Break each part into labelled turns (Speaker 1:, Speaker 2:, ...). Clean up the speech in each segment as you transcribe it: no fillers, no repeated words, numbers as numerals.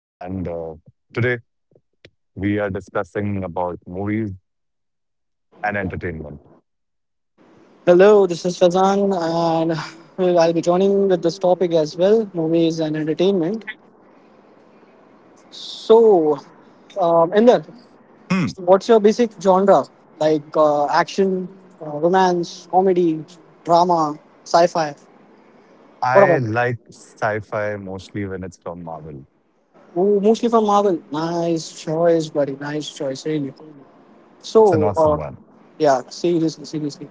Speaker 1: and today we are discussing about movies and entertainment.
Speaker 2: Hello, this is Fazan, and I'll be joining with this topic as well, movies and entertainment. So, Inder,
Speaker 1: Hmm.
Speaker 2: what's your basic genre? Like action, romance, comedy, drama, sci fi? What
Speaker 1: I
Speaker 2: about?
Speaker 1: like sci-fi mostly when it's from Marvel.
Speaker 2: Mostly from Marvel. Nice choice, buddy. Nice choice, really.
Speaker 1: It's an
Speaker 2: So,
Speaker 1: awesome
Speaker 2: uh,
Speaker 1: one,
Speaker 2: yeah, seriously, seriously.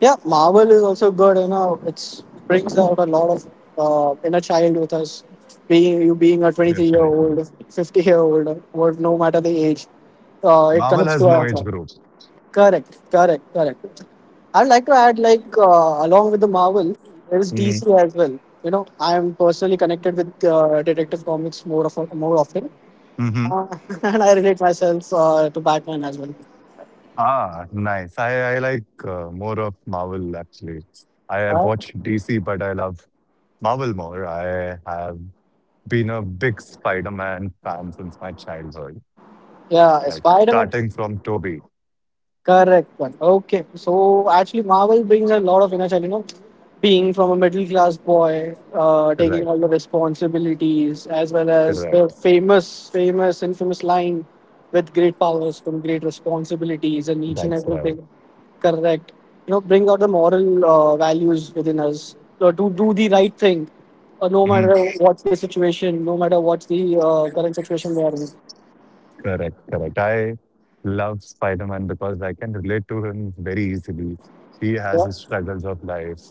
Speaker 2: Yeah, Marvel is also good. You know, it brings out a lot of inner child with us. Being you being a 23-year-old year
Speaker 1: definitely.
Speaker 2: old, 50-year-old year old, or no matter the age, it
Speaker 1: Marvel
Speaker 2: connects
Speaker 1: has
Speaker 2: to
Speaker 1: no
Speaker 2: us.
Speaker 1: age group.
Speaker 2: Correct, correct, correct. I'd like to add, like along with the Marvel, there is
Speaker 1: hmm
Speaker 2: DC as well. You know, I am personally connected with Detective Comics, more often,
Speaker 1: hmm
Speaker 2: uh, and I relate myself to Batman as well.
Speaker 1: Ah, nice. I like more of Marvel actually. I have
Speaker 2: Uh,
Speaker 1: watched DC, but I love Marvel more. I have been a big Spider-Man fan since my childhood,
Speaker 2: yeah,
Speaker 1: like
Speaker 2: Spider Man.
Speaker 1: starting from Toby.
Speaker 2: Correct one. Okay. So actually, Marvel brings a lot of inner child, you know, being from a middle class boy, taking
Speaker 1: Correct.
Speaker 2: all the responsibilities, as well as the
Speaker 1: Correct.
Speaker 2: famous, infamous line with great powers come great responsibilities and each and
Speaker 1: That's right.
Speaker 2: everything. Correct. You know, bring out the moral values within us to do the right thing, no
Speaker 1: Mhm.
Speaker 2: matter what's the situation, no matter what's the current situation we are in.
Speaker 1: Correct, correct. I love Spider Man because I can relate to him very easily. He has
Speaker 2: Yeah.
Speaker 1: his struggles of life,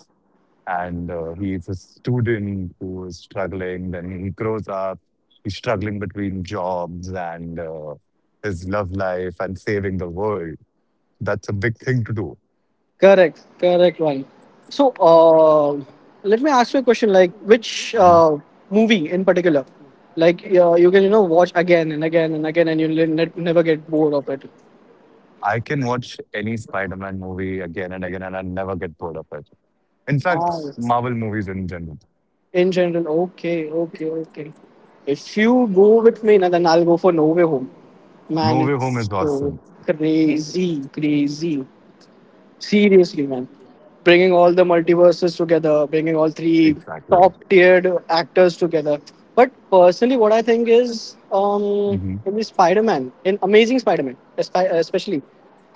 Speaker 1: and he's a student who is struggling. Then he grows up, he's struggling between jobs and his love life and saving the world. That's a big thing to do.
Speaker 2: Correct, correct one. So, uh, Let me ask you a question. Like, which
Speaker 1: Mhm.
Speaker 2: movie in particular, like you can watch again and again and again, and you'll never get bored of it.
Speaker 1: I can watch any Spider Man movie again and again, and I'll never get bored of it. In
Speaker 2: Ah,
Speaker 1: fact,
Speaker 2: it's-
Speaker 1: Marvel movies in general.
Speaker 2: in general, okay, okay, okay. If you go with me, now then I'll go for No Way Home.
Speaker 1: No
Speaker 2: Man,
Speaker 1: Way Home is
Speaker 2: it's so
Speaker 1: awesome.
Speaker 2: crazy, crazy. Seriously, man. Bringing all the multiverses together, bringing all three
Speaker 1: Exactly.
Speaker 2: top tiered actors together. But personally, what I think is
Speaker 1: hmm
Speaker 2: in Spider Man, in Amazing Spider Man, especially.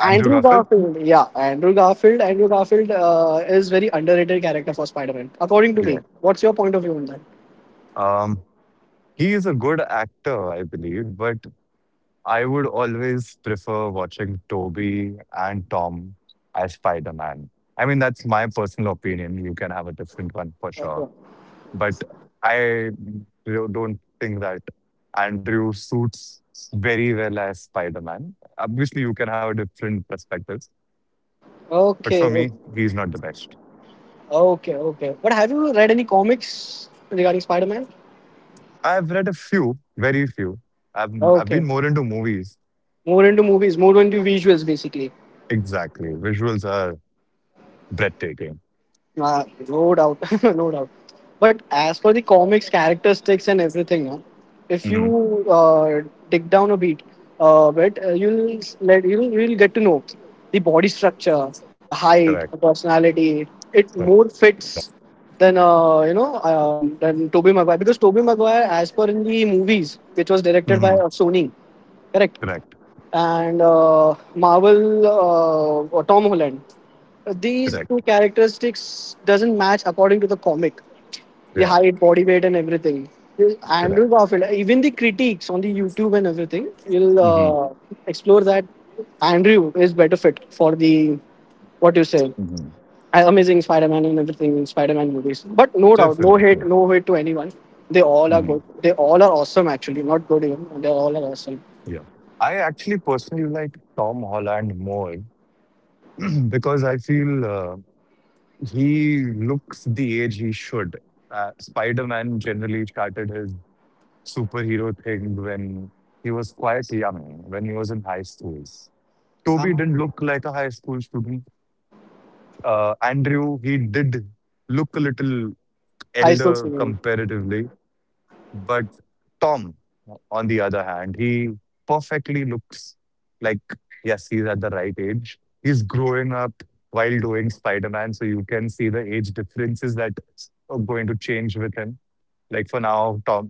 Speaker 1: Andrew Garfield?
Speaker 2: Garfield, yeah, Andrew Garfield. Andrew Garfield is very underrated character for Spider-Man, according to
Speaker 1: Yeah.
Speaker 2: me. What's your point of view on that?
Speaker 1: Um, he is a good actor, I believe, but I would always prefer watching Toby and Tom as Spider Man. I mean, that's my personal opinion. You can have a different one for sure. But I don't think that Andrew suits very well as Spider Man. Obviously, you can have a different perspective, but for
Speaker 2: Okay, okay,
Speaker 1: me, he's not the best.
Speaker 2: okay, okay. But have you read any comics regarding Spider-Man?
Speaker 1: I've read a few, very few. I've been
Speaker 2: Okay,
Speaker 1: more into movies.
Speaker 2: more into movies, more into visuals, basically.
Speaker 1: Exactly. Visuals are breathtaking.
Speaker 2: No doubt, no doubt. But as for the comics characteristics and everything, if
Speaker 1: hmm
Speaker 2: you dig down a beat, bit, you'll s- let you'll get to know the body structure, the height, the
Speaker 1: Correct.
Speaker 2: personality. It
Speaker 1: Correct.
Speaker 2: more fits than than Tobey Maguire, because Tobey Maguire, as per in the movies, which was directed by
Speaker 1: hmm
Speaker 2: Sony, correct?
Speaker 1: Correct.
Speaker 2: And Marvel or Tom Holland. These
Speaker 1: Correct.
Speaker 2: two characteristics doesn't match according to the comic, the
Speaker 1: Yeah.
Speaker 2: height, body weight, and everything. Andrew
Speaker 1: Correct.
Speaker 2: Garfield, even the critiques on the YouTube and everything, will
Speaker 1: hmm
Speaker 2: explore that Andrew is better fit for the what you say,
Speaker 1: hmm
Speaker 2: Amazing Spider-Man and everything in Spider-Man movies. But no doubt, no
Speaker 1: Definitely.
Speaker 2: hate, no hate to anyone. They all are
Speaker 1: hmm
Speaker 2: good. They all are awesome. Actually, not good even. They all are awesome.
Speaker 1: Yeah. I actually personally like Tom Holland more because I feel he looks the age he should. Spider Man generally started his superhero thing when he was quite young, when he was in high schools. Toby
Speaker 2: Ah,
Speaker 1: didn't look like a high school student. Andrew, he did look a little
Speaker 2: high school
Speaker 1: elder
Speaker 2: singing.
Speaker 1: comparatively. But Tom, on the other hand, he perfectly looks like, yes, he's at the right age. He's growing up while doing Spider Man, so you can see the age differences that are going to change with him. Like for now, Tom,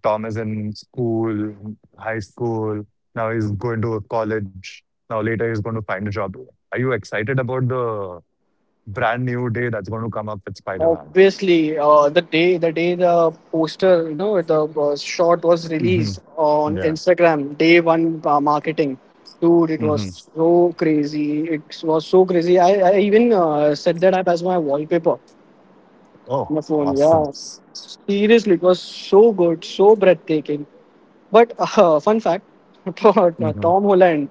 Speaker 1: Tom is in school, high school. Now he's going to college. Now later he's going to find a job. Are you excited about the brand new day that's going to come up with Spider Man?
Speaker 2: Obviously, the day the poster, you know, the shot was
Speaker 1: hmm
Speaker 2: released on
Speaker 1: Yeah.
Speaker 2: Instagram, day one marketing. Dude, it
Speaker 1: hmm
Speaker 2: was so crazy. It was so crazy. I even set that up as my wallpaper on
Speaker 1: Oh,
Speaker 2: my phone.
Speaker 1: awesome.
Speaker 2: Yeah, seriously, it was so good, so breathtaking. But fun fact,
Speaker 1: Mhm,
Speaker 2: Tom Holland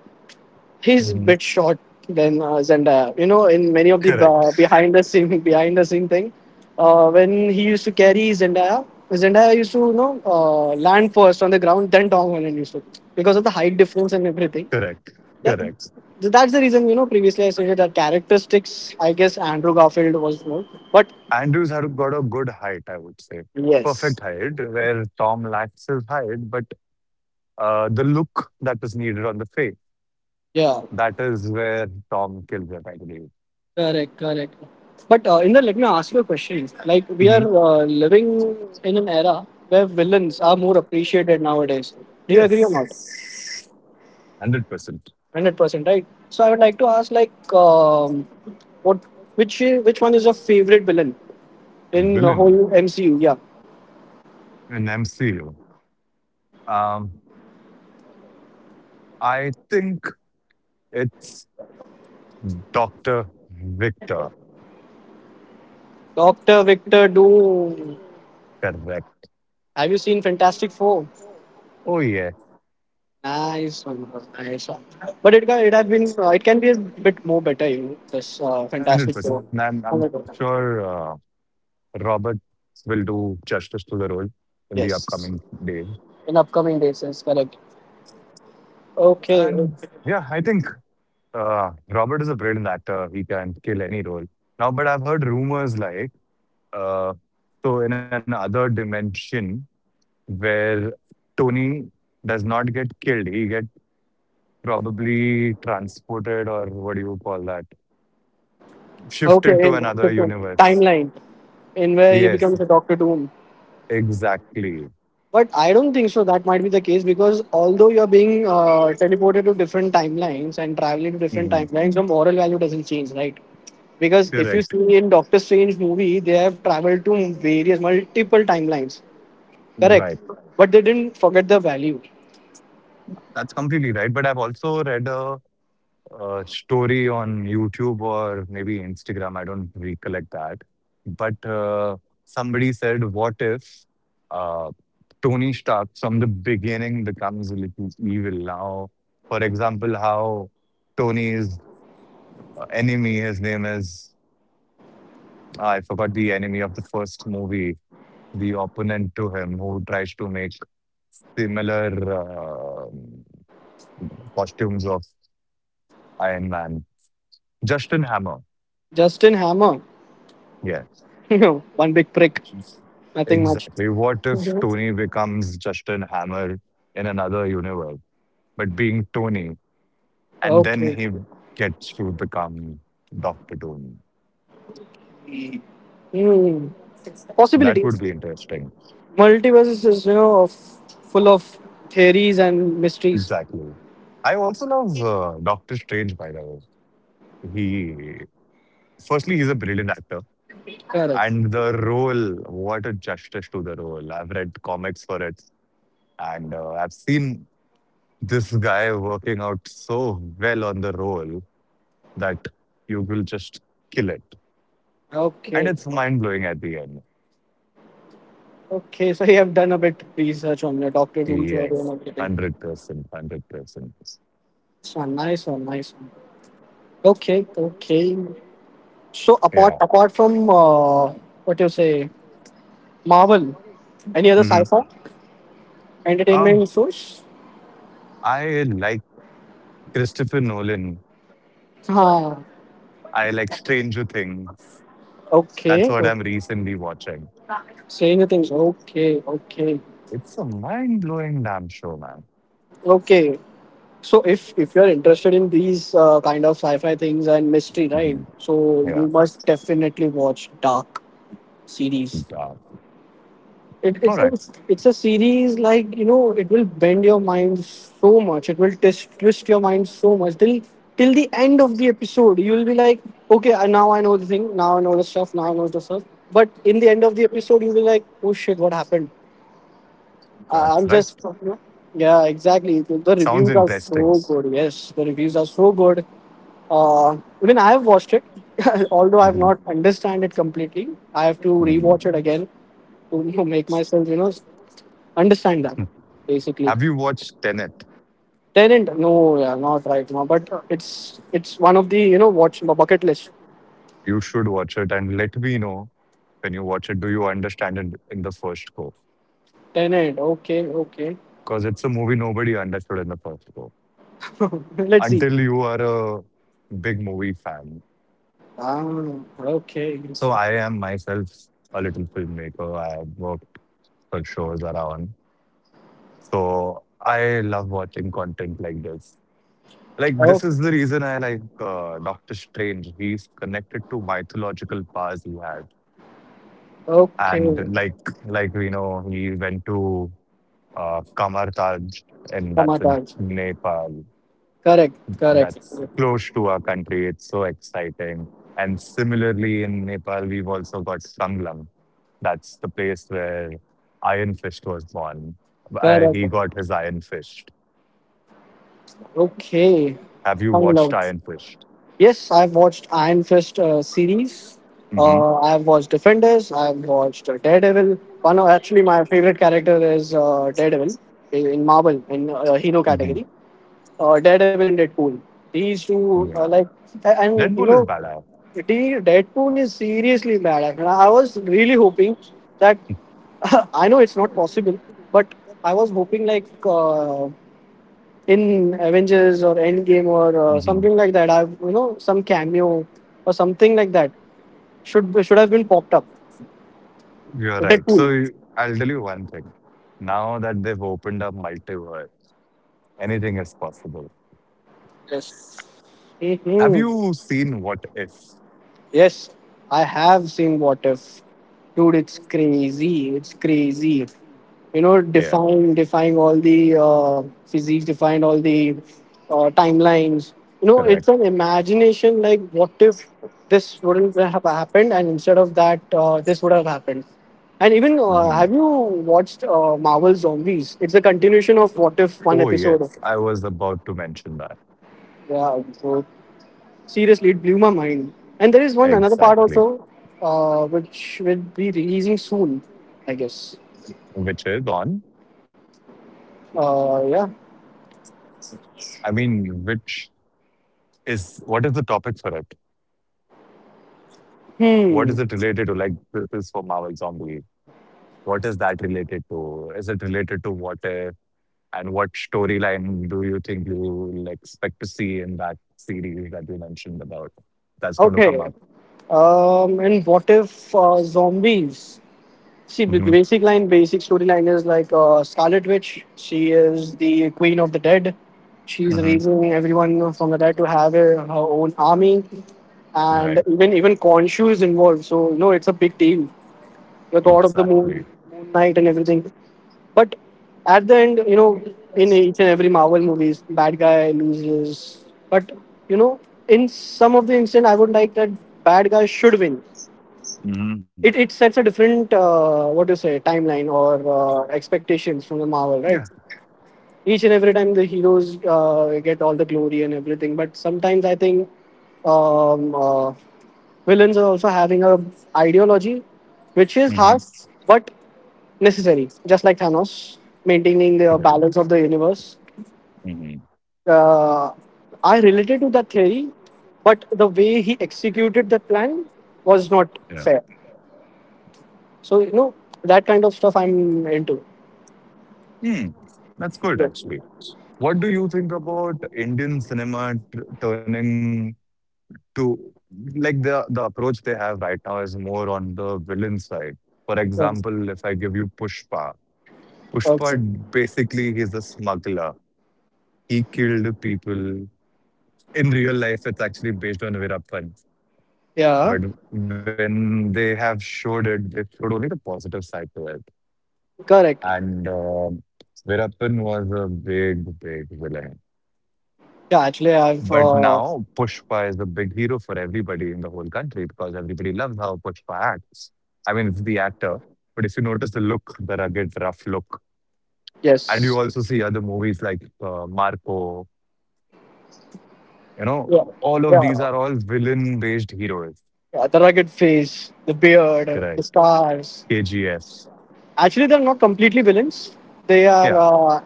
Speaker 2: he's a
Speaker 1: mhm.
Speaker 2: bit short than Zendaya. You know, in many of the
Speaker 1: Correct,
Speaker 2: behind the scene behind the scene thing, when he used to carry Zendaya, Zendaya used to land first on the ground, then Tom Holland used to, because of the height difference and everything.
Speaker 1: correct,
Speaker 2: That,
Speaker 1: correct.
Speaker 2: that's the reason you know. Previously, I said that characteristics. I guess Andrew Garfield was more, but
Speaker 1: Andrews had got a good height, I would say. Perfect
Speaker 2: yes,
Speaker 1: height, where Tom lacks his height, but the look that is needed on the face,
Speaker 2: yeah.
Speaker 1: that is where Tom kills it, I believe.
Speaker 2: Correct, correct. But Inder, let me ask you a question. Like we are
Speaker 1: hmm
Speaker 2: living in an era where villains are more appreciated nowadays. Do you agree or
Speaker 1: Yes,
Speaker 2: not?
Speaker 1: 100%.
Speaker 2: 100%, right? So I would like to ask, like, what, which one is your favorite villain in the
Speaker 1: Villain
Speaker 2: whole MCU? Yeah,
Speaker 1: in MCU. Um, I think it's Dr. Victor,
Speaker 2: Doctor Victor Doom.
Speaker 1: correct.
Speaker 2: Have you seen Fantastic Four?
Speaker 1: Oh, yes,
Speaker 2: Nice one, bro. Nice one. But it have been, it can be a bit more better, you know, this Fantastic
Speaker 1: 100%.
Speaker 2: Four.
Speaker 1: I'm
Speaker 2: Oh my God.
Speaker 1: sure Robert will do justice to the role in the
Speaker 2: Yes.
Speaker 1: upcoming days.
Speaker 2: In upcoming days is correct. Okay,
Speaker 1: And
Speaker 2: okay,
Speaker 1: yeah, I think Robert is a brilliant actor. He can kill any role. Now, but I've heard rumors like uh, so in another dimension where Tony does not get killed, he get probably transported or what do you call that? Shifted to
Speaker 2: okay.
Speaker 1: another
Speaker 2: Different
Speaker 1: universe.
Speaker 2: timeline in where he
Speaker 1: Yes,
Speaker 2: becomes a Doctor Doom.
Speaker 1: exactly.
Speaker 2: But I don't think so. That might be the case, because although you're being teleported to different timelines and traveling to different
Speaker 1: Mhm.
Speaker 2: timelines, your moral value doesn't change, right? Because if you
Speaker 1: Correct.
Speaker 2: see in Doctor Strange movie, they have traveled to various multiple timelines, correct?
Speaker 1: Right.
Speaker 2: But they didn't forget the value.
Speaker 1: That's completely right. But I've also read a story on YouTube or maybe Instagram. I don't recollect that. But somebody said, "What if uh, Tony Stark from the beginning becomes a little evil?" Now, for example, how Tony's enemy, his name is I forgot the enemy of the first movie, the opponent to him who tries to make similar uh, costumes of Iron Man, Justin Hammer.
Speaker 2: Justin Hammer,
Speaker 1: Yes.
Speaker 2: you know, one big prick, nothing much.
Speaker 1: Exactly. What if Tony becomes Justin Hammer in another universe, but being Tony, and then
Speaker 2: Okay.
Speaker 1: he gets to become Dr. Tony?
Speaker 2: Hmm.
Speaker 1: That would
Speaker 2: Possibilities.
Speaker 1: be interesting.
Speaker 2: Multiverse is you know of, full of theories and mysteries.
Speaker 1: Exactly. I also love Doctor Strange, by the way. He, firstly, he's a brilliant actor.
Speaker 2: Correct.
Speaker 1: And the role, what a justice to the role. I've read comics for it, and I've seen this guy working out so well on the role that you will just kill it. And
Speaker 2: Okay.
Speaker 1: it's mind blowing at the end.
Speaker 2: Okay. So you have done a bit research on your Doctor Doom theory
Speaker 1: Yes,
Speaker 2: and everything.
Speaker 1: 100%. 100%.
Speaker 2: So nice one. Nice one. Okay. Okay. So apart
Speaker 1: Yeah.
Speaker 2: apart from what you say, Marvel, any other
Speaker 1: hmm
Speaker 2: sci-fi
Speaker 1: Um,
Speaker 2: entertainment shows?
Speaker 1: I like Christopher Nolan.
Speaker 2: Huh.
Speaker 1: I like Stranger Things. That's
Speaker 2: Okay.
Speaker 1: what I'm recently watching.
Speaker 2: Saying the things. Okay. Okay.
Speaker 1: It's a mind blowing damn show, man.
Speaker 2: Okay. So if you're interested in these kind of sci-fi things and mystery, right?
Speaker 1: Mhm.
Speaker 2: So
Speaker 1: Yeah.
Speaker 2: you must definitely watch Dark series.
Speaker 1: Yeah.
Speaker 2: It,
Speaker 1: All
Speaker 2: it's a,
Speaker 1: right.
Speaker 2: it's a series like you know it will bend your mind so much. It will twist your mind so much till the end of the episode. You will be like, okay, now I know the thing. Now I know the stuff. Now I know the stuff. But in the end of the episode, you'll be like, oh shit, what happened? I,
Speaker 1: That's
Speaker 2: I'm
Speaker 1: right.
Speaker 2: just, you know, yeah, exactly. The
Speaker 1: Sounds
Speaker 2: reviews are
Speaker 1: interesting.
Speaker 2: so good. Yes, the reviews are so good. Even I have watched it, although I've
Speaker 1: Mhm.
Speaker 2: not understand it completely. I have to
Speaker 1: Mhm.
Speaker 2: rewatch it again to you know, make myself, you know, understand that basically.
Speaker 1: Have you watched Tenet?
Speaker 2: Tenant, no, yeah, not right now, but it's one of the you know watch bucket list.
Speaker 1: You should watch it and let me know when you watch it, do you understand it in the first go?
Speaker 2: Tenant, okay, okay,
Speaker 1: Because it's a movie nobody understood in the first go
Speaker 2: let's see.
Speaker 1: until you are a big movie fan.
Speaker 2: Ah, okay,
Speaker 1: So I am myself a little filmmaker. I have worked for shows around. So I love watching content like this. Like this is
Speaker 2: okay,
Speaker 1: the reason I like Doctor Strange. He's connected to mythological powers he had,
Speaker 2: okay.
Speaker 1: and like we know, he went to Kamartaj, and that's in
Speaker 2: Ramadan.
Speaker 1: Nepal.
Speaker 2: Correct, correct,
Speaker 1: That's close to our country. It's so exciting. And similarly, in Nepal, we've also got Sanglam. That's the place where Iron Fist was born.
Speaker 2: correct.
Speaker 1: He got his Iron Fist.
Speaker 2: Okay,
Speaker 1: Have you watched
Speaker 2: Hangul.
Speaker 1: Iron Fist?
Speaker 2: Yes, I've watched Iron Fist series.
Speaker 1: hmm
Speaker 2: I've watched Defenders. I've watched Daredevil. One of, actually my favorite character is Daredevil in Marvel in hero
Speaker 1: hmm
Speaker 2: category. Daredevil and Deadpool. These two are
Speaker 1: Yeah.
Speaker 2: like and
Speaker 1: Red
Speaker 2: you
Speaker 1: Bull
Speaker 2: know
Speaker 1: is badass.
Speaker 2: the Deadpool is seriously bad. I mean, I was really hoping that I know it's not possible, but I was hoping like uh, in Avengers or Endgame or
Speaker 1: hmm
Speaker 2: something like that. I've you know some cameo or something like that should have been popped up.
Speaker 1: You're right. So
Speaker 2: Deadpool.
Speaker 1: I'll tell you one thing. Now that they've opened up multiverse, anything is possible.
Speaker 2: Yes.
Speaker 1: Have
Speaker 2: Hmm.
Speaker 1: you seen What If?
Speaker 2: Yes, I have seen What If, dude. It's crazy. It's crazy. You know,
Speaker 1: Yeah,
Speaker 2: defying all the physics, defying all the timelines. You know,
Speaker 1: correct.
Speaker 2: it's an imagination. Like, what if this wouldn't have happened, and instead of that, this would have happened. And even
Speaker 1: Mm-hmm.
Speaker 2: have you watched Marvel Zombies? It's a continuation of What If one
Speaker 1: Oh,
Speaker 2: episode.
Speaker 1: yes. I was about to mention that.
Speaker 2: Yeah, so seriously, it blew my mind. And there is one another part
Speaker 1: Exactly.
Speaker 2: also, which will be releasing soon, I guess.
Speaker 1: Which is on,
Speaker 2: Yeah.
Speaker 1: I mean, which is what is the topic for it? What
Speaker 2: Hmm.
Speaker 1: is it related to? Like, this is for Marvel Zombie. What is that related to? Is it related to what if? And what storyline do you think you will expect to see in that series that you mentioned about that's going to come
Speaker 2: Okay.
Speaker 1: up?
Speaker 2: And What If Zombies? See,
Speaker 1: hmm
Speaker 2: basic storyline is like Scarlet Witch. She is the queen of the dead. She's
Speaker 1: hmm
Speaker 2: raising everyone from the dead to have a, her own army,
Speaker 1: Right.
Speaker 2: and even Khonshu is involved. So you know it's a big deal. The god of the
Speaker 1: Exactly.
Speaker 2: moon, moon knight, and everything. But at the end, you know, in each and every Marvel movies, bad guy loses. But you know, in some of the instance, I would like that bad guy should win.
Speaker 1: hmm
Speaker 2: It sets a different what do you say timeline or expectations from the Marvel,
Speaker 1: Yeah.
Speaker 2: right? Each and every time the heroes get all the glory and everything, but sometimes I think um, uh, villains are also having a ideology, which is
Speaker 1: hmm
Speaker 2: harsh but necessary. Just like Thanos maintaining the
Speaker 1: Correct.
Speaker 2: balance of the universe.
Speaker 1: hmm
Speaker 2: Uh, I related to that theory, but the way he executed the plan was not
Speaker 1: Yeah.
Speaker 2: fair. So you know that kind of stuff I'm into.
Speaker 1: Hmm, that's good,
Speaker 2: Yes.
Speaker 1: actually. What do you think about Indian cinema turning to like the approach they have right now is more on the villain side. For
Speaker 2: Yes.
Speaker 1: example, if I give you Pushpa, Pushpa
Speaker 2: Okay.
Speaker 1: basically he's a smuggler. He killed people. In real life, it's actually based on Veerappan.
Speaker 2: Yeah,
Speaker 1: But when they have showed it, they showed only the positive side to it.
Speaker 2: correct.
Speaker 1: And Veerappan was a big, big villain.
Speaker 2: Yeah,
Speaker 1: But now Pushpa is a big hero for everybody in the whole country because everybody loves how Pushpa acts. I mean, it's the actor, but if you notice the look, the rugged, rough look, and
Speaker 2: yes.
Speaker 1: you also see other movies like Marco, you know,
Speaker 2: Yeah,
Speaker 1: all
Speaker 2: yeah.
Speaker 1: of these are all villain based heroes,
Speaker 2: Yeah, the rugged face, the beard, the
Speaker 1: correct?
Speaker 2: scars.
Speaker 1: KGF,
Speaker 2: Actually, they're not completely villains. They are
Speaker 1: yeah,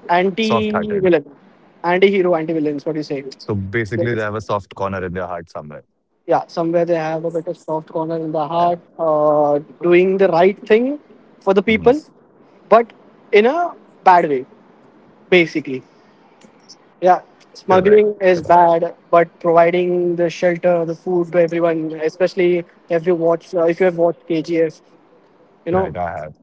Speaker 1: soft hearted.
Speaker 2: anti-villain, anti-villains. What do you say?
Speaker 1: So basically, they have a soft corner in their heart somewhere.
Speaker 2: Yeah, somewhere they have a bit of soft corner in the heart,
Speaker 1: Yeah.
Speaker 2: doing the right thing for the
Speaker 1: Mhm.
Speaker 2: people, but in a bad way, basically. Yeah,
Speaker 1: Correct, correct.
Speaker 2: smuggling is bad, but providing the shelter, the food to everyone, especially if you watch, if you have watched KGF, you know,
Speaker 1: Right. I have.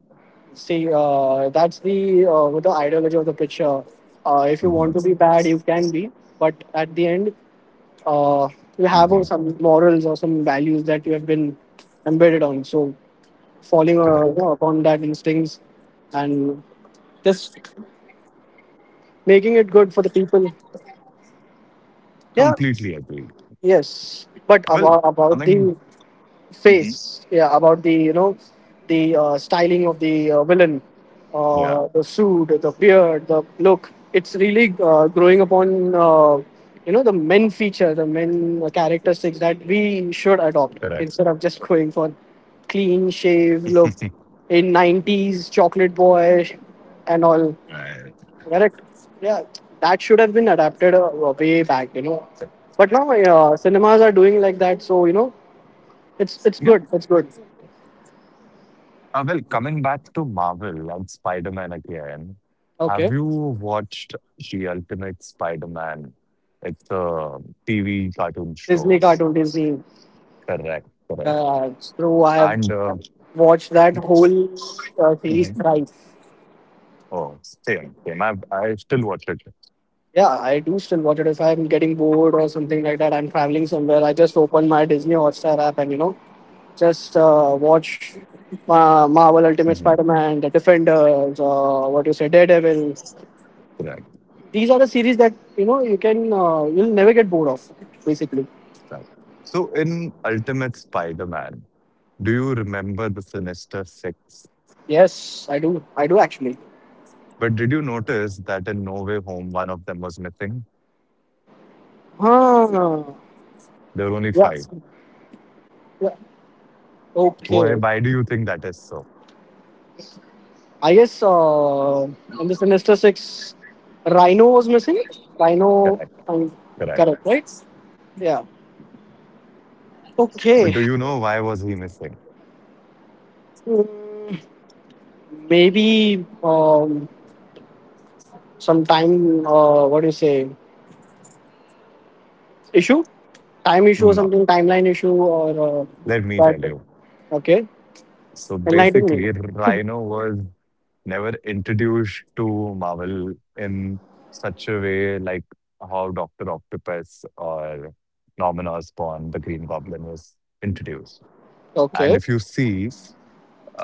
Speaker 2: see, that's the with the ideology of the picture. If you want
Speaker 1: Mhm,
Speaker 2: to be bad, you can be, but at the end, uh, you
Speaker 1: mhm.
Speaker 2: have some morals or some values that you have been embedded on. So falling
Speaker 1: Correct.
Speaker 2: upon that instincts and just making it good for the people. Yeah,
Speaker 1: Completely agreed.
Speaker 2: yes. But
Speaker 1: Well,
Speaker 2: about
Speaker 1: coming.
Speaker 2: the face, yeah, about the you know the styling of the villain,
Speaker 1: Yeah,
Speaker 2: the suit, the beard, the look, it's really growing upon, the men feature, the men characteristics that we should adopt
Speaker 1: correct.
Speaker 2: instead of just going for clean shave look in 90s chocolate boy and all.
Speaker 1: Right.
Speaker 2: Correct. Yeah, that should have been adapted, way back, you know. But now, cinemas are doing like that, so you know, it's
Speaker 1: Yeah.
Speaker 2: good, it's good.
Speaker 1: Well, coming back to Marvel and Spider Man again, have
Speaker 2: Okay.
Speaker 1: you watched The Ultimate Spider Man? It's a TV cartoon
Speaker 2: Disney
Speaker 1: show.
Speaker 2: cartoon, Disney.
Speaker 1: Correct, correct.
Speaker 2: Uh, Bro, I have
Speaker 1: And
Speaker 2: watched that whole series
Speaker 1: mhm.
Speaker 2: thrice.
Speaker 1: Oh, same, same. I still watch it.
Speaker 2: Yeah, I do still watch it. If I'm getting bored or something like that, I'm traveling somewhere, I just open my Disney Hotstar app and, you know, just watch Marvel Ultimate
Speaker 1: Mhm.
Speaker 2: Spider Man, The Defenders, what you say, Daredevil.
Speaker 1: Correct.
Speaker 2: These are the series that, you know, you can, you'll never get bored of, basically.
Speaker 1: That. So in Ultimate Spider-Man, do you remember the Sinister Six?
Speaker 2: Yes, I do. I do actually.
Speaker 1: But did you notice that in No Way Home, one of them was missing?
Speaker 2: Huh.
Speaker 1: There were only
Speaker 2: Yeah,
Speaker 1: five.
Speaker 2: yeah.
Speaker 1: Why,
Speaker 2: Okay.
Speaker 1: why do you think that is so?
Speaker 2: I guess in the semester six, Rhino was missing. Rhino,
Speaker 1: Correct,
Speaker 2: I
Speaker 1: correct.
Speaker 2: correct, right? Yeah.
Speaker 1: But
Speaker 2: Okay.
Speaker 1: do you know why was he missing?
Speaker 2: Mm, maybe some time. What do you say? Issue? Time issue or
Speaker 1: No.
Speaker 2: something? Timeline issue or
Speaker 1: Let me tell
Speaker 2: that?
Speaker 1: you.
Speaker 2: Okay.
Speaker 1: So
Speaker 2: Enlighten me.
Speaker 1: basically, Rhino was never introduced to Marvel in such a way like how Doctor Octopus or Norman Osborn, the Green Goblin, was introduced.
Speaker 2: Okay.
Speaker 1: And if you see,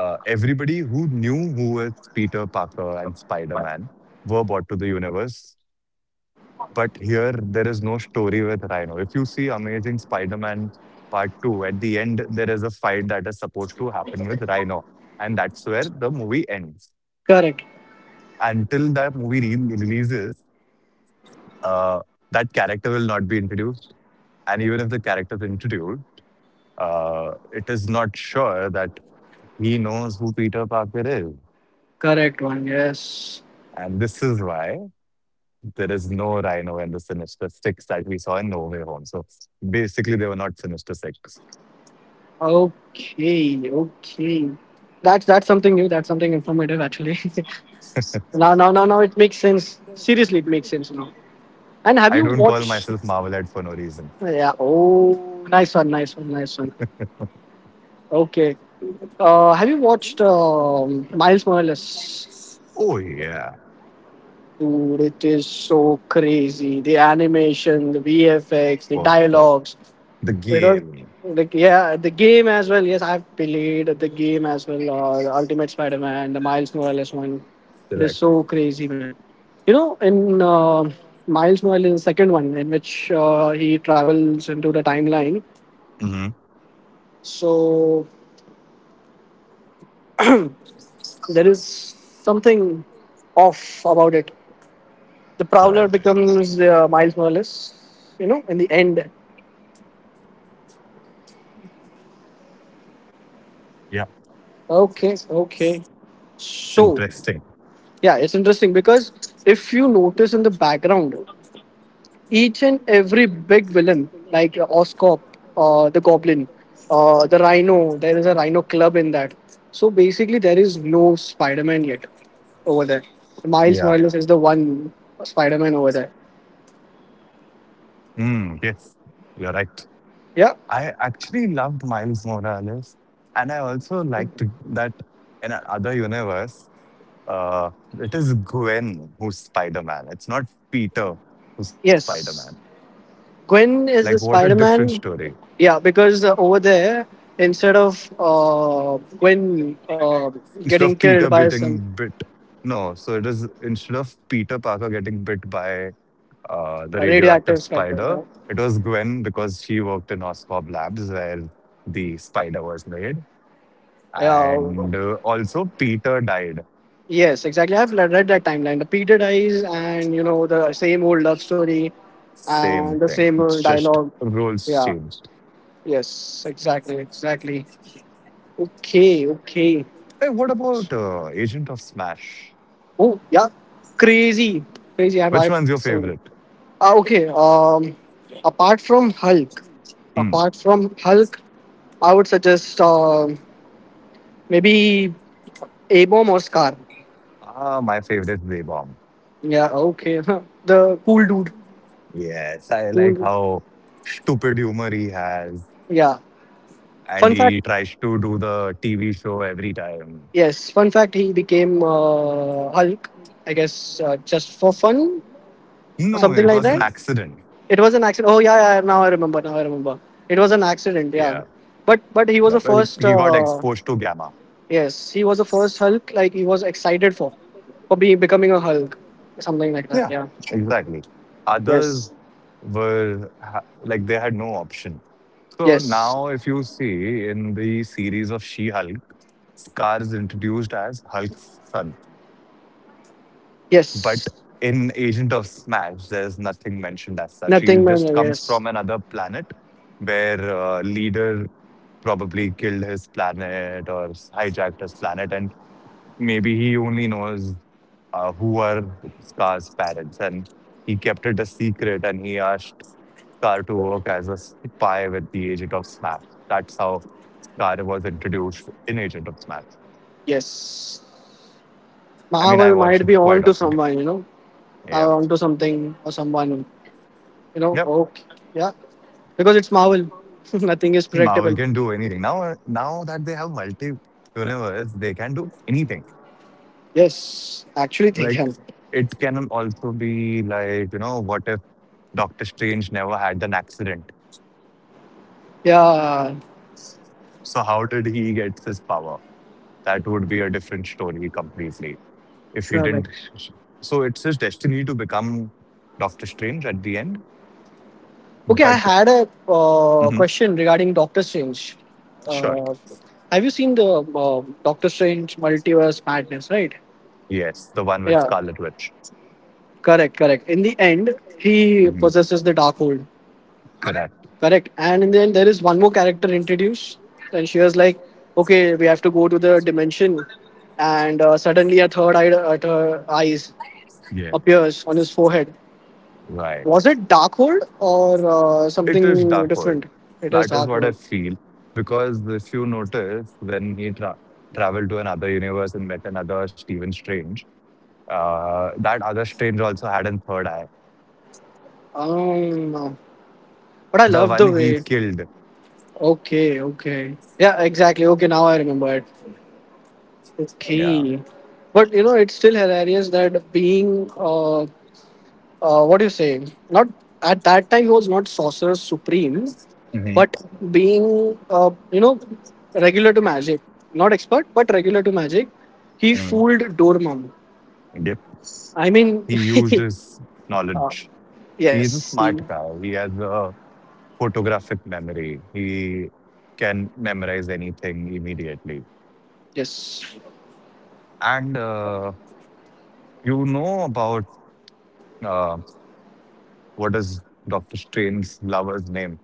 Speaker 1: everybody who knew who was Peter Parker and Spider Man were brought to the universe. But here, there is no story with Rhino. If you see Amazing Spider Man Part 2, at the end, there is a fight that is supposed to happen with Rhino. And that's where the movie ends.
Speaker 2: Correct.
Speaker 1: Until that movie releases, uh, that character will not be introduced. And even if the character is introduced, it is not sure that he knows who Peter Parker is.
Speaker 2: Correct one. Yes.
Speaker 1: And this is why there is no Rhino in the Sinister Six that we saw in No Way Home. So basically, they were not Sinister Six.
Speaker 2: Okay. Okay. That's something new. That's something informative actually. Now it makes sense. Seriously, it makes sense now. And have
Speaker 1: I
Speaker 2: you
Speaker 1: don't call
Speaker 2: watched?
Speaker 1: myself Marvelette for no reason.
Speaker 2: Yeah. Oh, nice one. Okay. Have you watched Miles Morales?
Speaker 1: Oh yeah,
Speaker 2: Dude, it is so crazy. The animation, the VFX, the
Speaker 1: perfect.
Speaker 2: dialogues.
Speaker 1: The
Speaker 2: It was
Speaker 1: game.
Speaker 2: like, yeah, the game as well. Yes, I've played the game as well. The Ultimate Spider-Man, the Miles Morales one. It is
Speaker 1: Correct.
Speaker 2: so crazy, man. You know, in Miles Morales, the second one, in which he travels into the timeline.
Speaker 1: hmm
Speaker 2: So there is something off about it. The Prowler
Speaker 1: Right.
Speaker 2: becomes Miles Morales. You know, in the end.
Speaker 1: Yeah.
Speaker 2: Okay, okay.
Speaker 1: It's
Speaker 2: So,
Speaker 1: interesting.
Speaker 2: yeah, it's interesting because if you notice in the background, each and every big villain like Oscorp, the Goblin, the Rhino. There is a Rhino Club in that. So basically, there is no Spider-Man yet over there. Miles
Speaker 1: Yeah.
Speaker 2: Morales is the one Spider-Man over there.
Speaker 1: Mm, yes. You're right.
Speaker 2: Yeah.
Speaker 1: I actually loved Miles Morales, and I also liked that in another universe, it is Gwen who's Spider Man. It's not Peter who's Spider Man.
Speaker 2: Yes. Gwen
Speaker 1: Like,
Speaker 2: is the
Speaker 1: what a different
Speaker 2: Spider-Man.
Speaker 1: story.
Speaker 2: Yeah, because over there, instead of Gwen getting
Speaker 1: Instead of
Speaker 2: killed
Speaker 1: Peter
Speaker 2: by some
Speaker 1: getting bit. No, so it is instead of Peter Parker getting bit by the
Speaker 2: radioactive
Speaker 1: radioactive
Speaker 2: specter, you
Speaker 1: spider,
Speaker 2: know,
Speaker 1: it was Gwen because she worked in Oscorp Labs where the spider was made.
Speaker 2: yeah.
Speaker 1: And also, Peter died.
Speaker 2: Yes, exactly. I've read that timeline. The Peter dies, and you know the same old love story, and the
Speaker 1: Same thing.
Speaker 2: same old
Speaker 1: It's just
Speaker 2: dialogue.
Speaker 1: roles
Speaker 2: Yeah.
Speaker 1: changed.
Speaker 2: Yes. Exactly. Exactly. Okay. Okay.
Speaker 1: Hey, what about Agent of Smash?
Speaker 2: Oh yeah. Crazy. Crazy.
Speaker 1: Which
Speaker 2: I've
Speaker 1: one's your
Speaker 2: seen.
Speaker 1: favorite?
Speaker 2: Ah, okay. Apart from Hulk,
Speaker 1: Hmm.
Speaker 2: apart from Hulk, I would suggest maybe A-Bomb or Scar.
Speaker 1: Ah, my favorite is Ray Bomb.
Speaker 2: Yeah. Okay. The cool dude.
Speaker 1: Yes, I like
Speaker 2: Cool.
Speaker 1: how stupid humor he has
Speaker 2: Yeah. Fun
Speaker 1: and
Speaker 2: fact.
Speaker 1: he tries to do the TV show every time.
Speaker 2: Yes, fun fact, he became Hulk, I guess, just for fun or
Speaker 1: No,
Speaker 2: something
Speaker 1: it
Speaker 2: like
Speaker 1: was
Speaker 2: that.
Speaker 1: an accident.
Speaker 2: It was an accident. Oh yeah, yeah. Now I remember. Now I remember. It was an accident.
Speaker 1: Yeah.
Speaker 2: Yeah, but
Speaker 1: Yeah.
Speaker 2: he was
Speaker 1: But
Speaker 2: the
Speaker 1: he
Speaker 2: first.
Speaker 1: got exposed to gamma.
Speaker 2: Yes, he was the first Hulk. Like he was excited for being becoming a Hulk, something like that.
Speaker 1: Yeah,
Speaker 2: Yeah.
Speaker 1: exactly. Others
Speaker 2: Yes.
Speaker 1: were like they had no option. So
Speaker 2: Yes.
Speaker 1: now, if you see in the series of She Hulk, Scar is introduced as Hulk's son. But
Speaker 2: Yes.
Speaker 1: in Agent of Smash, there's nothing mentioned as such. He
Speaker 2: Nothing, man.
Speaker 1: just comes
Speaker 2: Yes.
Speaker 1: from another planet where leader probably killed his planet or hijacked his planet. And maybe he only knows who are Scar's parents. And he kept it a secret and he asked Scar to work as a spy with the agent of SMAP. That's how Scar was introduced in Agent of SMAP.
Speaker 2: Yes.
Speaker 1: I mean, I
Speaker 2: Marvel
Speaker 1: watch
Speaker 2: might
Speaker 1: it
Speaker 2: be
Speaker 1: quite
Speaker 2: on to
Speaker 1: often.
Speaker 2: someone. You know,
Speaker 1: Yeah.
Speaker 2: on to something or someone. You know.
Speaker 1: Yep.
Speaker 2: Okay. Yeah. Because it's Marvel. Nothing is
Speaker 1: Marvel
Speaker 2: predictable.
Speaker 1: can do anything. Now, now that they have multi universe, they can do anything.
Speaker 2: Yes, actually they
Speaker 1: Like,
Speaker 2: can.
Speaker 1: it can also be like, whatever Doctor Strange never had an accident.
Speaker 2: Yeah.
Speaker 1: So how did he get his power? That would be a different story completely. If he didn't,
Speaker 2: Perfect.
Speaker 1: so it's his destiny to become Doctor Strange at the end.
Speaker 2: Okay,
Speaker 1: But
Speaker 2: I had a
Speaker 1: mhm,
Speaker 2: question regarding Doctor Strange.
Speaker 1: sure,
Speaker 2: Uh, have you seen the Doctor Strange Multiverse Madness, right?
Speaker 1: yes, the one with
Speaker 2: Yeah,
Speaker 1: Scarlet Witch.
Speaker 2: correct, correct. In the end, he
Speaker 1: Mhm.
Speaker 2: possesses the Darkhold.
Speaker 1: Correct.
Speaker 2: Correct. And in the end, there is one more character introduced. And she was like, okay, we have to go to the dimension. And suddenly a third eye, eyes
Speaker 1: Yeah.
Speaker 2: appears on his forehead.
Speaker 1: Right.
Speaker 2: Was it Darkhold or
Speaker 1: It is
Speaker 2: something
Speaker 1: Dark World.
Speaker 2: different? It is
Speaker 1: That is what I
Speaker 2: Darkhold.
Speaker 1: feel because if you notice, when traveled to another universe and met another Stephen Strange. That other stranger also had a third eye.
Speaker 2: No, but I
Speaker 1: The
Speaker 2: love
Speaker 1: one
Speaker 2: the
Speaker 1: he
Speaker 2: way.
Speaker 1: killed.
Speaker 2: Okay, okay. Yeah, exactly. Okay, now I remember it.
Speaker 1: Yeah.
Speaker 2: Okay. But you know, it's still hilarious that being, what do you say? Not at that time he was not sorcerer supreme, but being, you know, regular to magic, not expert, but regular to magic, he
Speaker 1: Mm.
Speaker 2: fooled Dormammu.
Speaker 1: Yep.
Speaker 2: I mean,
Speaker 1: He used his
Speaker 2: uh,
Speaker 1: knowledge. He is a
Speaker 2: yes,
Speaker 1: smart guy. He has a photographic memory. He can memorize anything immediately.
Speaker 2: yes.
Speaker 1: And you know about uh, what is Doctor Strange's lover's name?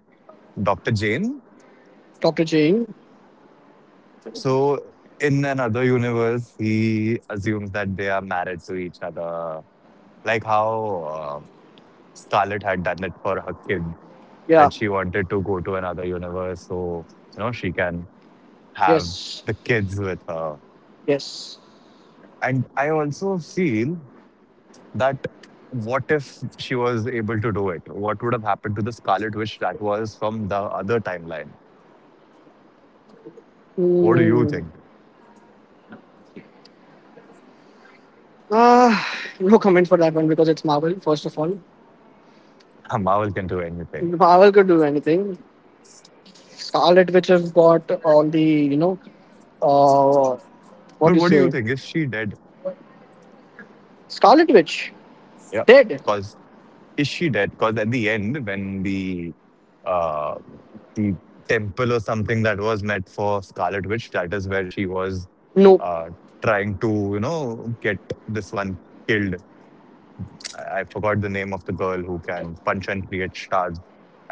Speaker 1: Doctor Jane.
Speaker 2: Dr. Jane.
Speaker 1: So in another universe, he assumes that they are married to each other. Like how Scarlet had done it for her kid,
Speaker 2: Yeah.
Speaker 1: that she wanted to go to another universe so, you know, she can have
Speaker 2: Yes.
Speaker 1: the kids with her.
Speaker 2: Yes.
Speaker 1: And I also feel that what if she was able to do it? What would have happened to the Scarlet Witch that was from the other timeline? What do you
Speaker 2: Mm.
Speaker 1: think?
Speaker 2: Ah, no comment for that one because it's Marvel, first of all.
Speaker 1: Marvel can do anything.
Speaker 2: Marvel could do anything. Scarlet Witch has got all the, you know, uh, what
Speaker 1: But
Speaker 2: do you
Speaker 1: what do you
Speaker 2: say?
Speaker 1: think if she did?
Speaker 2: Scarlet Witch.
Speaker 1: Yeah.
Speaker 2: Dead.
Speaker 1: Because. Is she dead? Because at the end, when uh, the temple or something that was meant for Scarlet Witch, that is where she was
Speaker 2: No.
Speaker 1: uh, trying to, you know, get this one killed. I forgot the name of the girl who can punch and create shards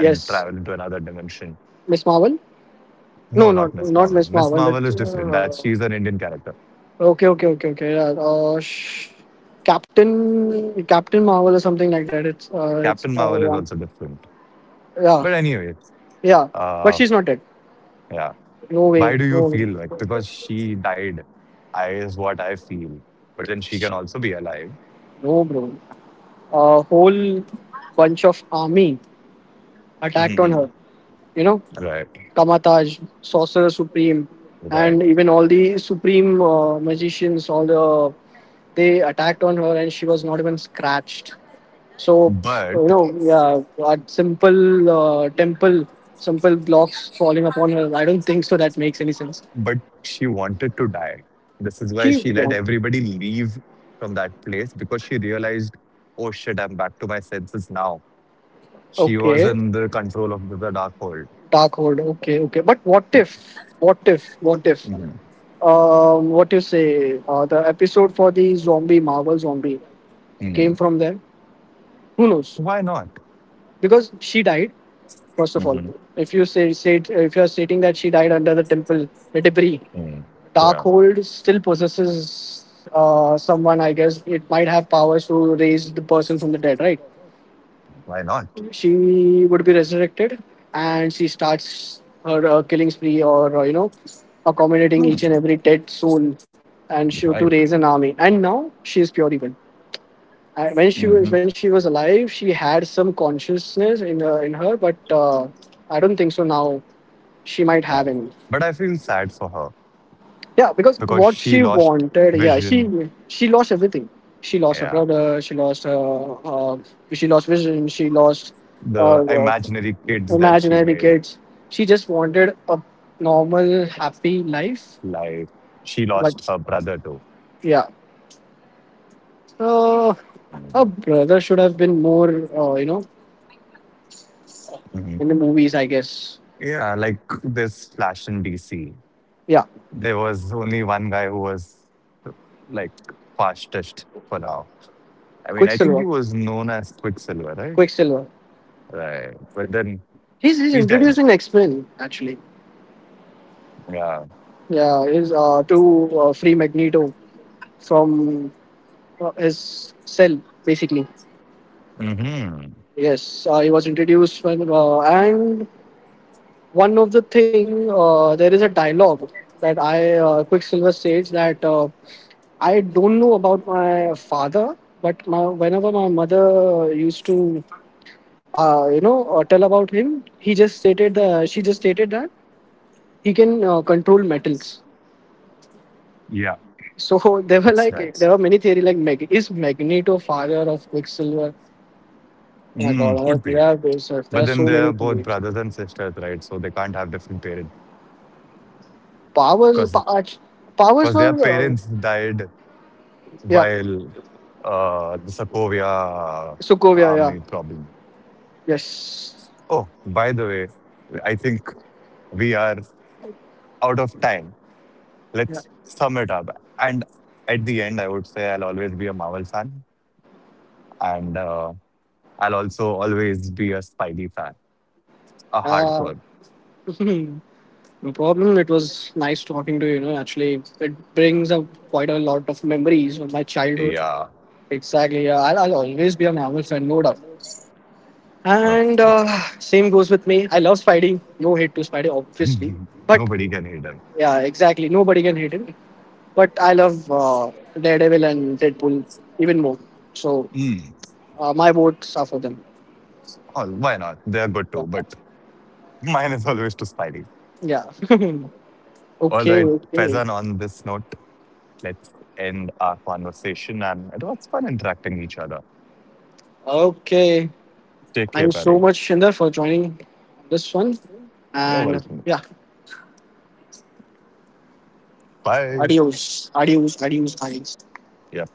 Speaker 1: and travel into another dimension.
Speaker 2: Miss Marvel? No,
Speaker 1: No, not
Speaker 2: not
Speaker 1: Miss
Speaker 2: not
Speaker 1: Marvel.
Speaker 2: Miss
Speaker 1: Miss
Speaker 2: Marvel.
Speaker 1: Marvel
Speaker 2: It's,
Speaker 1: is different. That she's an Indian character.
Speaker 2: okay. Yeah. Captain Marvel or something like that. It's
Speaker 1: Captain
Speaker 2: oh
Speaker 1: Marvel is
Speaker 2: yeah.
Speaker 1: also different.
Speaker 2: Yeah,
Speaker 1: But anyway,
Speaker 2: yeah, but
Speaker 1: uh,
Speaker 2: she's not dead.
Speaker 1: yeah.
Speaker 2: No way,
Speaker 1: Why do you
Speaker 2: no way,
Speaker 1: feel like because she died? I is what I feel. But then she can also be alive.
Speaker 2: no, bro. A whole bunch of army attacked on
Speaker 1: Mhm.
Speaker 2: her. You know,
Speaker 1: Right.
Speaker 2: Kamataj, Sorcerer Supreme,
Speaker 1: Right.
Speaker 2: and even all the Supreme magicians, all the they attacked on her, and she was not even scratched. So,
Speaker 1: But
Speaker 2: you know, yeah, a simple temple, simple blocks falling upon her. I don't think so. That makes any sense.
Speaker 1: but she wanted to die. This is why
Speaker 2: She
Speaker 1: she let
Speaker 2: won.
Speaker 1: everybody leave from that place because she realized, oh shit, I'm back to my senses now. She was
Speaker 2: Okay,
Speaker 1: in the control of the dark world.
Speaker 2: Dark Hold. Okay, okay. But what if? What if? What if?
Speaker 1: Mhm.
Speaker 2: What you say? The episode for the zombie Marvel zombie came
Speaker 1: Mhm.
Speaker 2: from there. Who knows?
Speaker 1: Why not?
Speaker 2: Because she died. First of all,
Speaker 1: Mhm.
Speaker 2: if you say, if you are stating that she died under the debris,
Speaker 1: Mhm. Yeah.
Speaker 2: Darkhold still possesses someone. I guess it might have powers to raise the person from the dead, right?
Speaker 1: Why not?
Speaker 2: She would be resurrected and she starts her killing spree or accommodating each
Speaker 1: Mhm.
Speaker 2: and every dead soul, and she to
Speaker 1: Right.
Speaker 2: raise an army, and now she is pure evil. And
Speaker 1: Mhm.
Speaker 2: when she was alive, she had some consciousness in her, but I don't think so now she might
Speaker 1: Yeah.
Speaker 2: have any.
Speaker 1: But I feel sad for her
Speaker 2: Yeah, because
Speaker 1: because
Speaker 2: what
Speaker 1: she
Speaker 2: she
Speaker 1: lost
Speaker 2: wanted, yeah,
Speaker 1: vision.
Speaker 2: she lost everything. She lost her
Speaker 1: Yeah.
Speaker 2: brother. She lost her she lost vision. She lost,
Speaker 1: The
Speaker 2: uh, uh,
Speaker 1: imaginary kids that she
Speaker 2: imaginary
Speaker 1: made,
Speaker 2: kids. She just wanted a normal, happy life.
Speaker 1: like she lost her
Speaker 2: But
Speaker 1: brother too.
Speaker 2: yeah, uh,
Speaker 1: Mm.
Speaker 2: her brother should have been more, you know,
Speaker 1: Mhm.
Speaker 2: in the movies, I guess.
Speaker 1: Yeah, like this Flash in DC.
Speaker 2: Yeah,
Speaker 1: There was only one guy who was like fastest for now. I mean, I think he
Speaker 2: Quicksilver.
Speaker 1: was known as Quicksilver, right?
Speaker 2: Quicksilver.
Speaker 1: Right. But then
Speaker 2: He's
Speaker 1: he's dead.
Speaker 2: introducing X Men actually.
Speaker 1: Yeah.
Speaker 2: Yeah, is to free Magneto from his cell basically.
Speaker 1: Hmm.
Speaker 2: Yes, he was introduced when and one of the thing, there is a dialogue that I Quicksilver says that, I don't know about my father, but whenever my mother used to, tell about him, he just stated the she just stated that he can control metals.
Speaker 1: Yeah,
Speaker 2: So there were
Speaker 1: it's
Speaker 2: like
Speaker 1: nice.
Speaker 2: there were many theory like, is Magneto father of Quicksilver? Oh my God,
Speaker 1: Mm,
Speaker 2: oh,
Speaker 1: could be.
Speaker 2: yeah, there
Speaker 1: But
Speaker 2: are
Speaker 1: then
Speaker 2: so
Speaker 1: they are
Speaker 2: many
Speaker 1: both
Speaker 2: theories.
Speaker 1: brothers and sisters, right? So they can't have different parents
Speaker 2: Powers,
Speaker 1: because
Speaker 2: pa- act- Powers
Speaker 1: because
Speaker 2: were,
Speaker 1: their parents died
Speaker 2: yeah,
Speaker 1: while the Sokovia
Speaker 2: Sokovia, yeah,
Speaker 1: army problem.
Speaker 2: yes,
Speaker 1: Oh, by the way, I think we are out of time.
Speaker 2: yeah.
Speaker 1: Let's sum it up. And at the end, I would say I'll always be a Marvel fan, and I'll also always be a Spidey fan, a
Speaker 2: Uh,
Speaker 1: hardcore.
Speaker 2: no problem. It was nice talking to you. You know, actually, it brings up quite a lot of memories of my childhood.
Speaker 1: Yeah.
Speaker 2: Exactly. Yeah, I'll always be a Marvel fan, no doubt.
Speaker 1: That's
Speaker 2: And
Speaker 1: it.
Speaker 2: same goes with me. I love Spidey. No hate to Spidey, obviously. But
Speaker 1: Nobody can hate them.
Speaker 2: yeah, exactly. Nobody can hate him. But I love Daredevil and Deadpool even more. So
Speaker 1: Mm.
Speaker 2: my votes are for them.
Speaker 1: Oh, why not? They're good too, but mine is always to Spidey.
Speaker 2: Yeah.
Speaker 1: All
Speaker 2: Okay.
Speaker 1: right,
Speaker 2: Okay.
Speaker 1: Faizan, on this note, let's end our conversation. And it was fun interacting with each other.
Speaker 2: Okay.
Speaker 1: Take
Speaker 2: Thank
Speaker 1: care,
Speaker 2: you so
Speaker 1: Barry.
Speaker 2: much, Shinder, for joining this one.
Speaker 1: You're
Speaker 2: And
Speaker 1: welcome.
Speaker 2: yeah,
Speaker 1: Bye.
Speaker 2: Adios, guys.
Speaker 1: Yeah.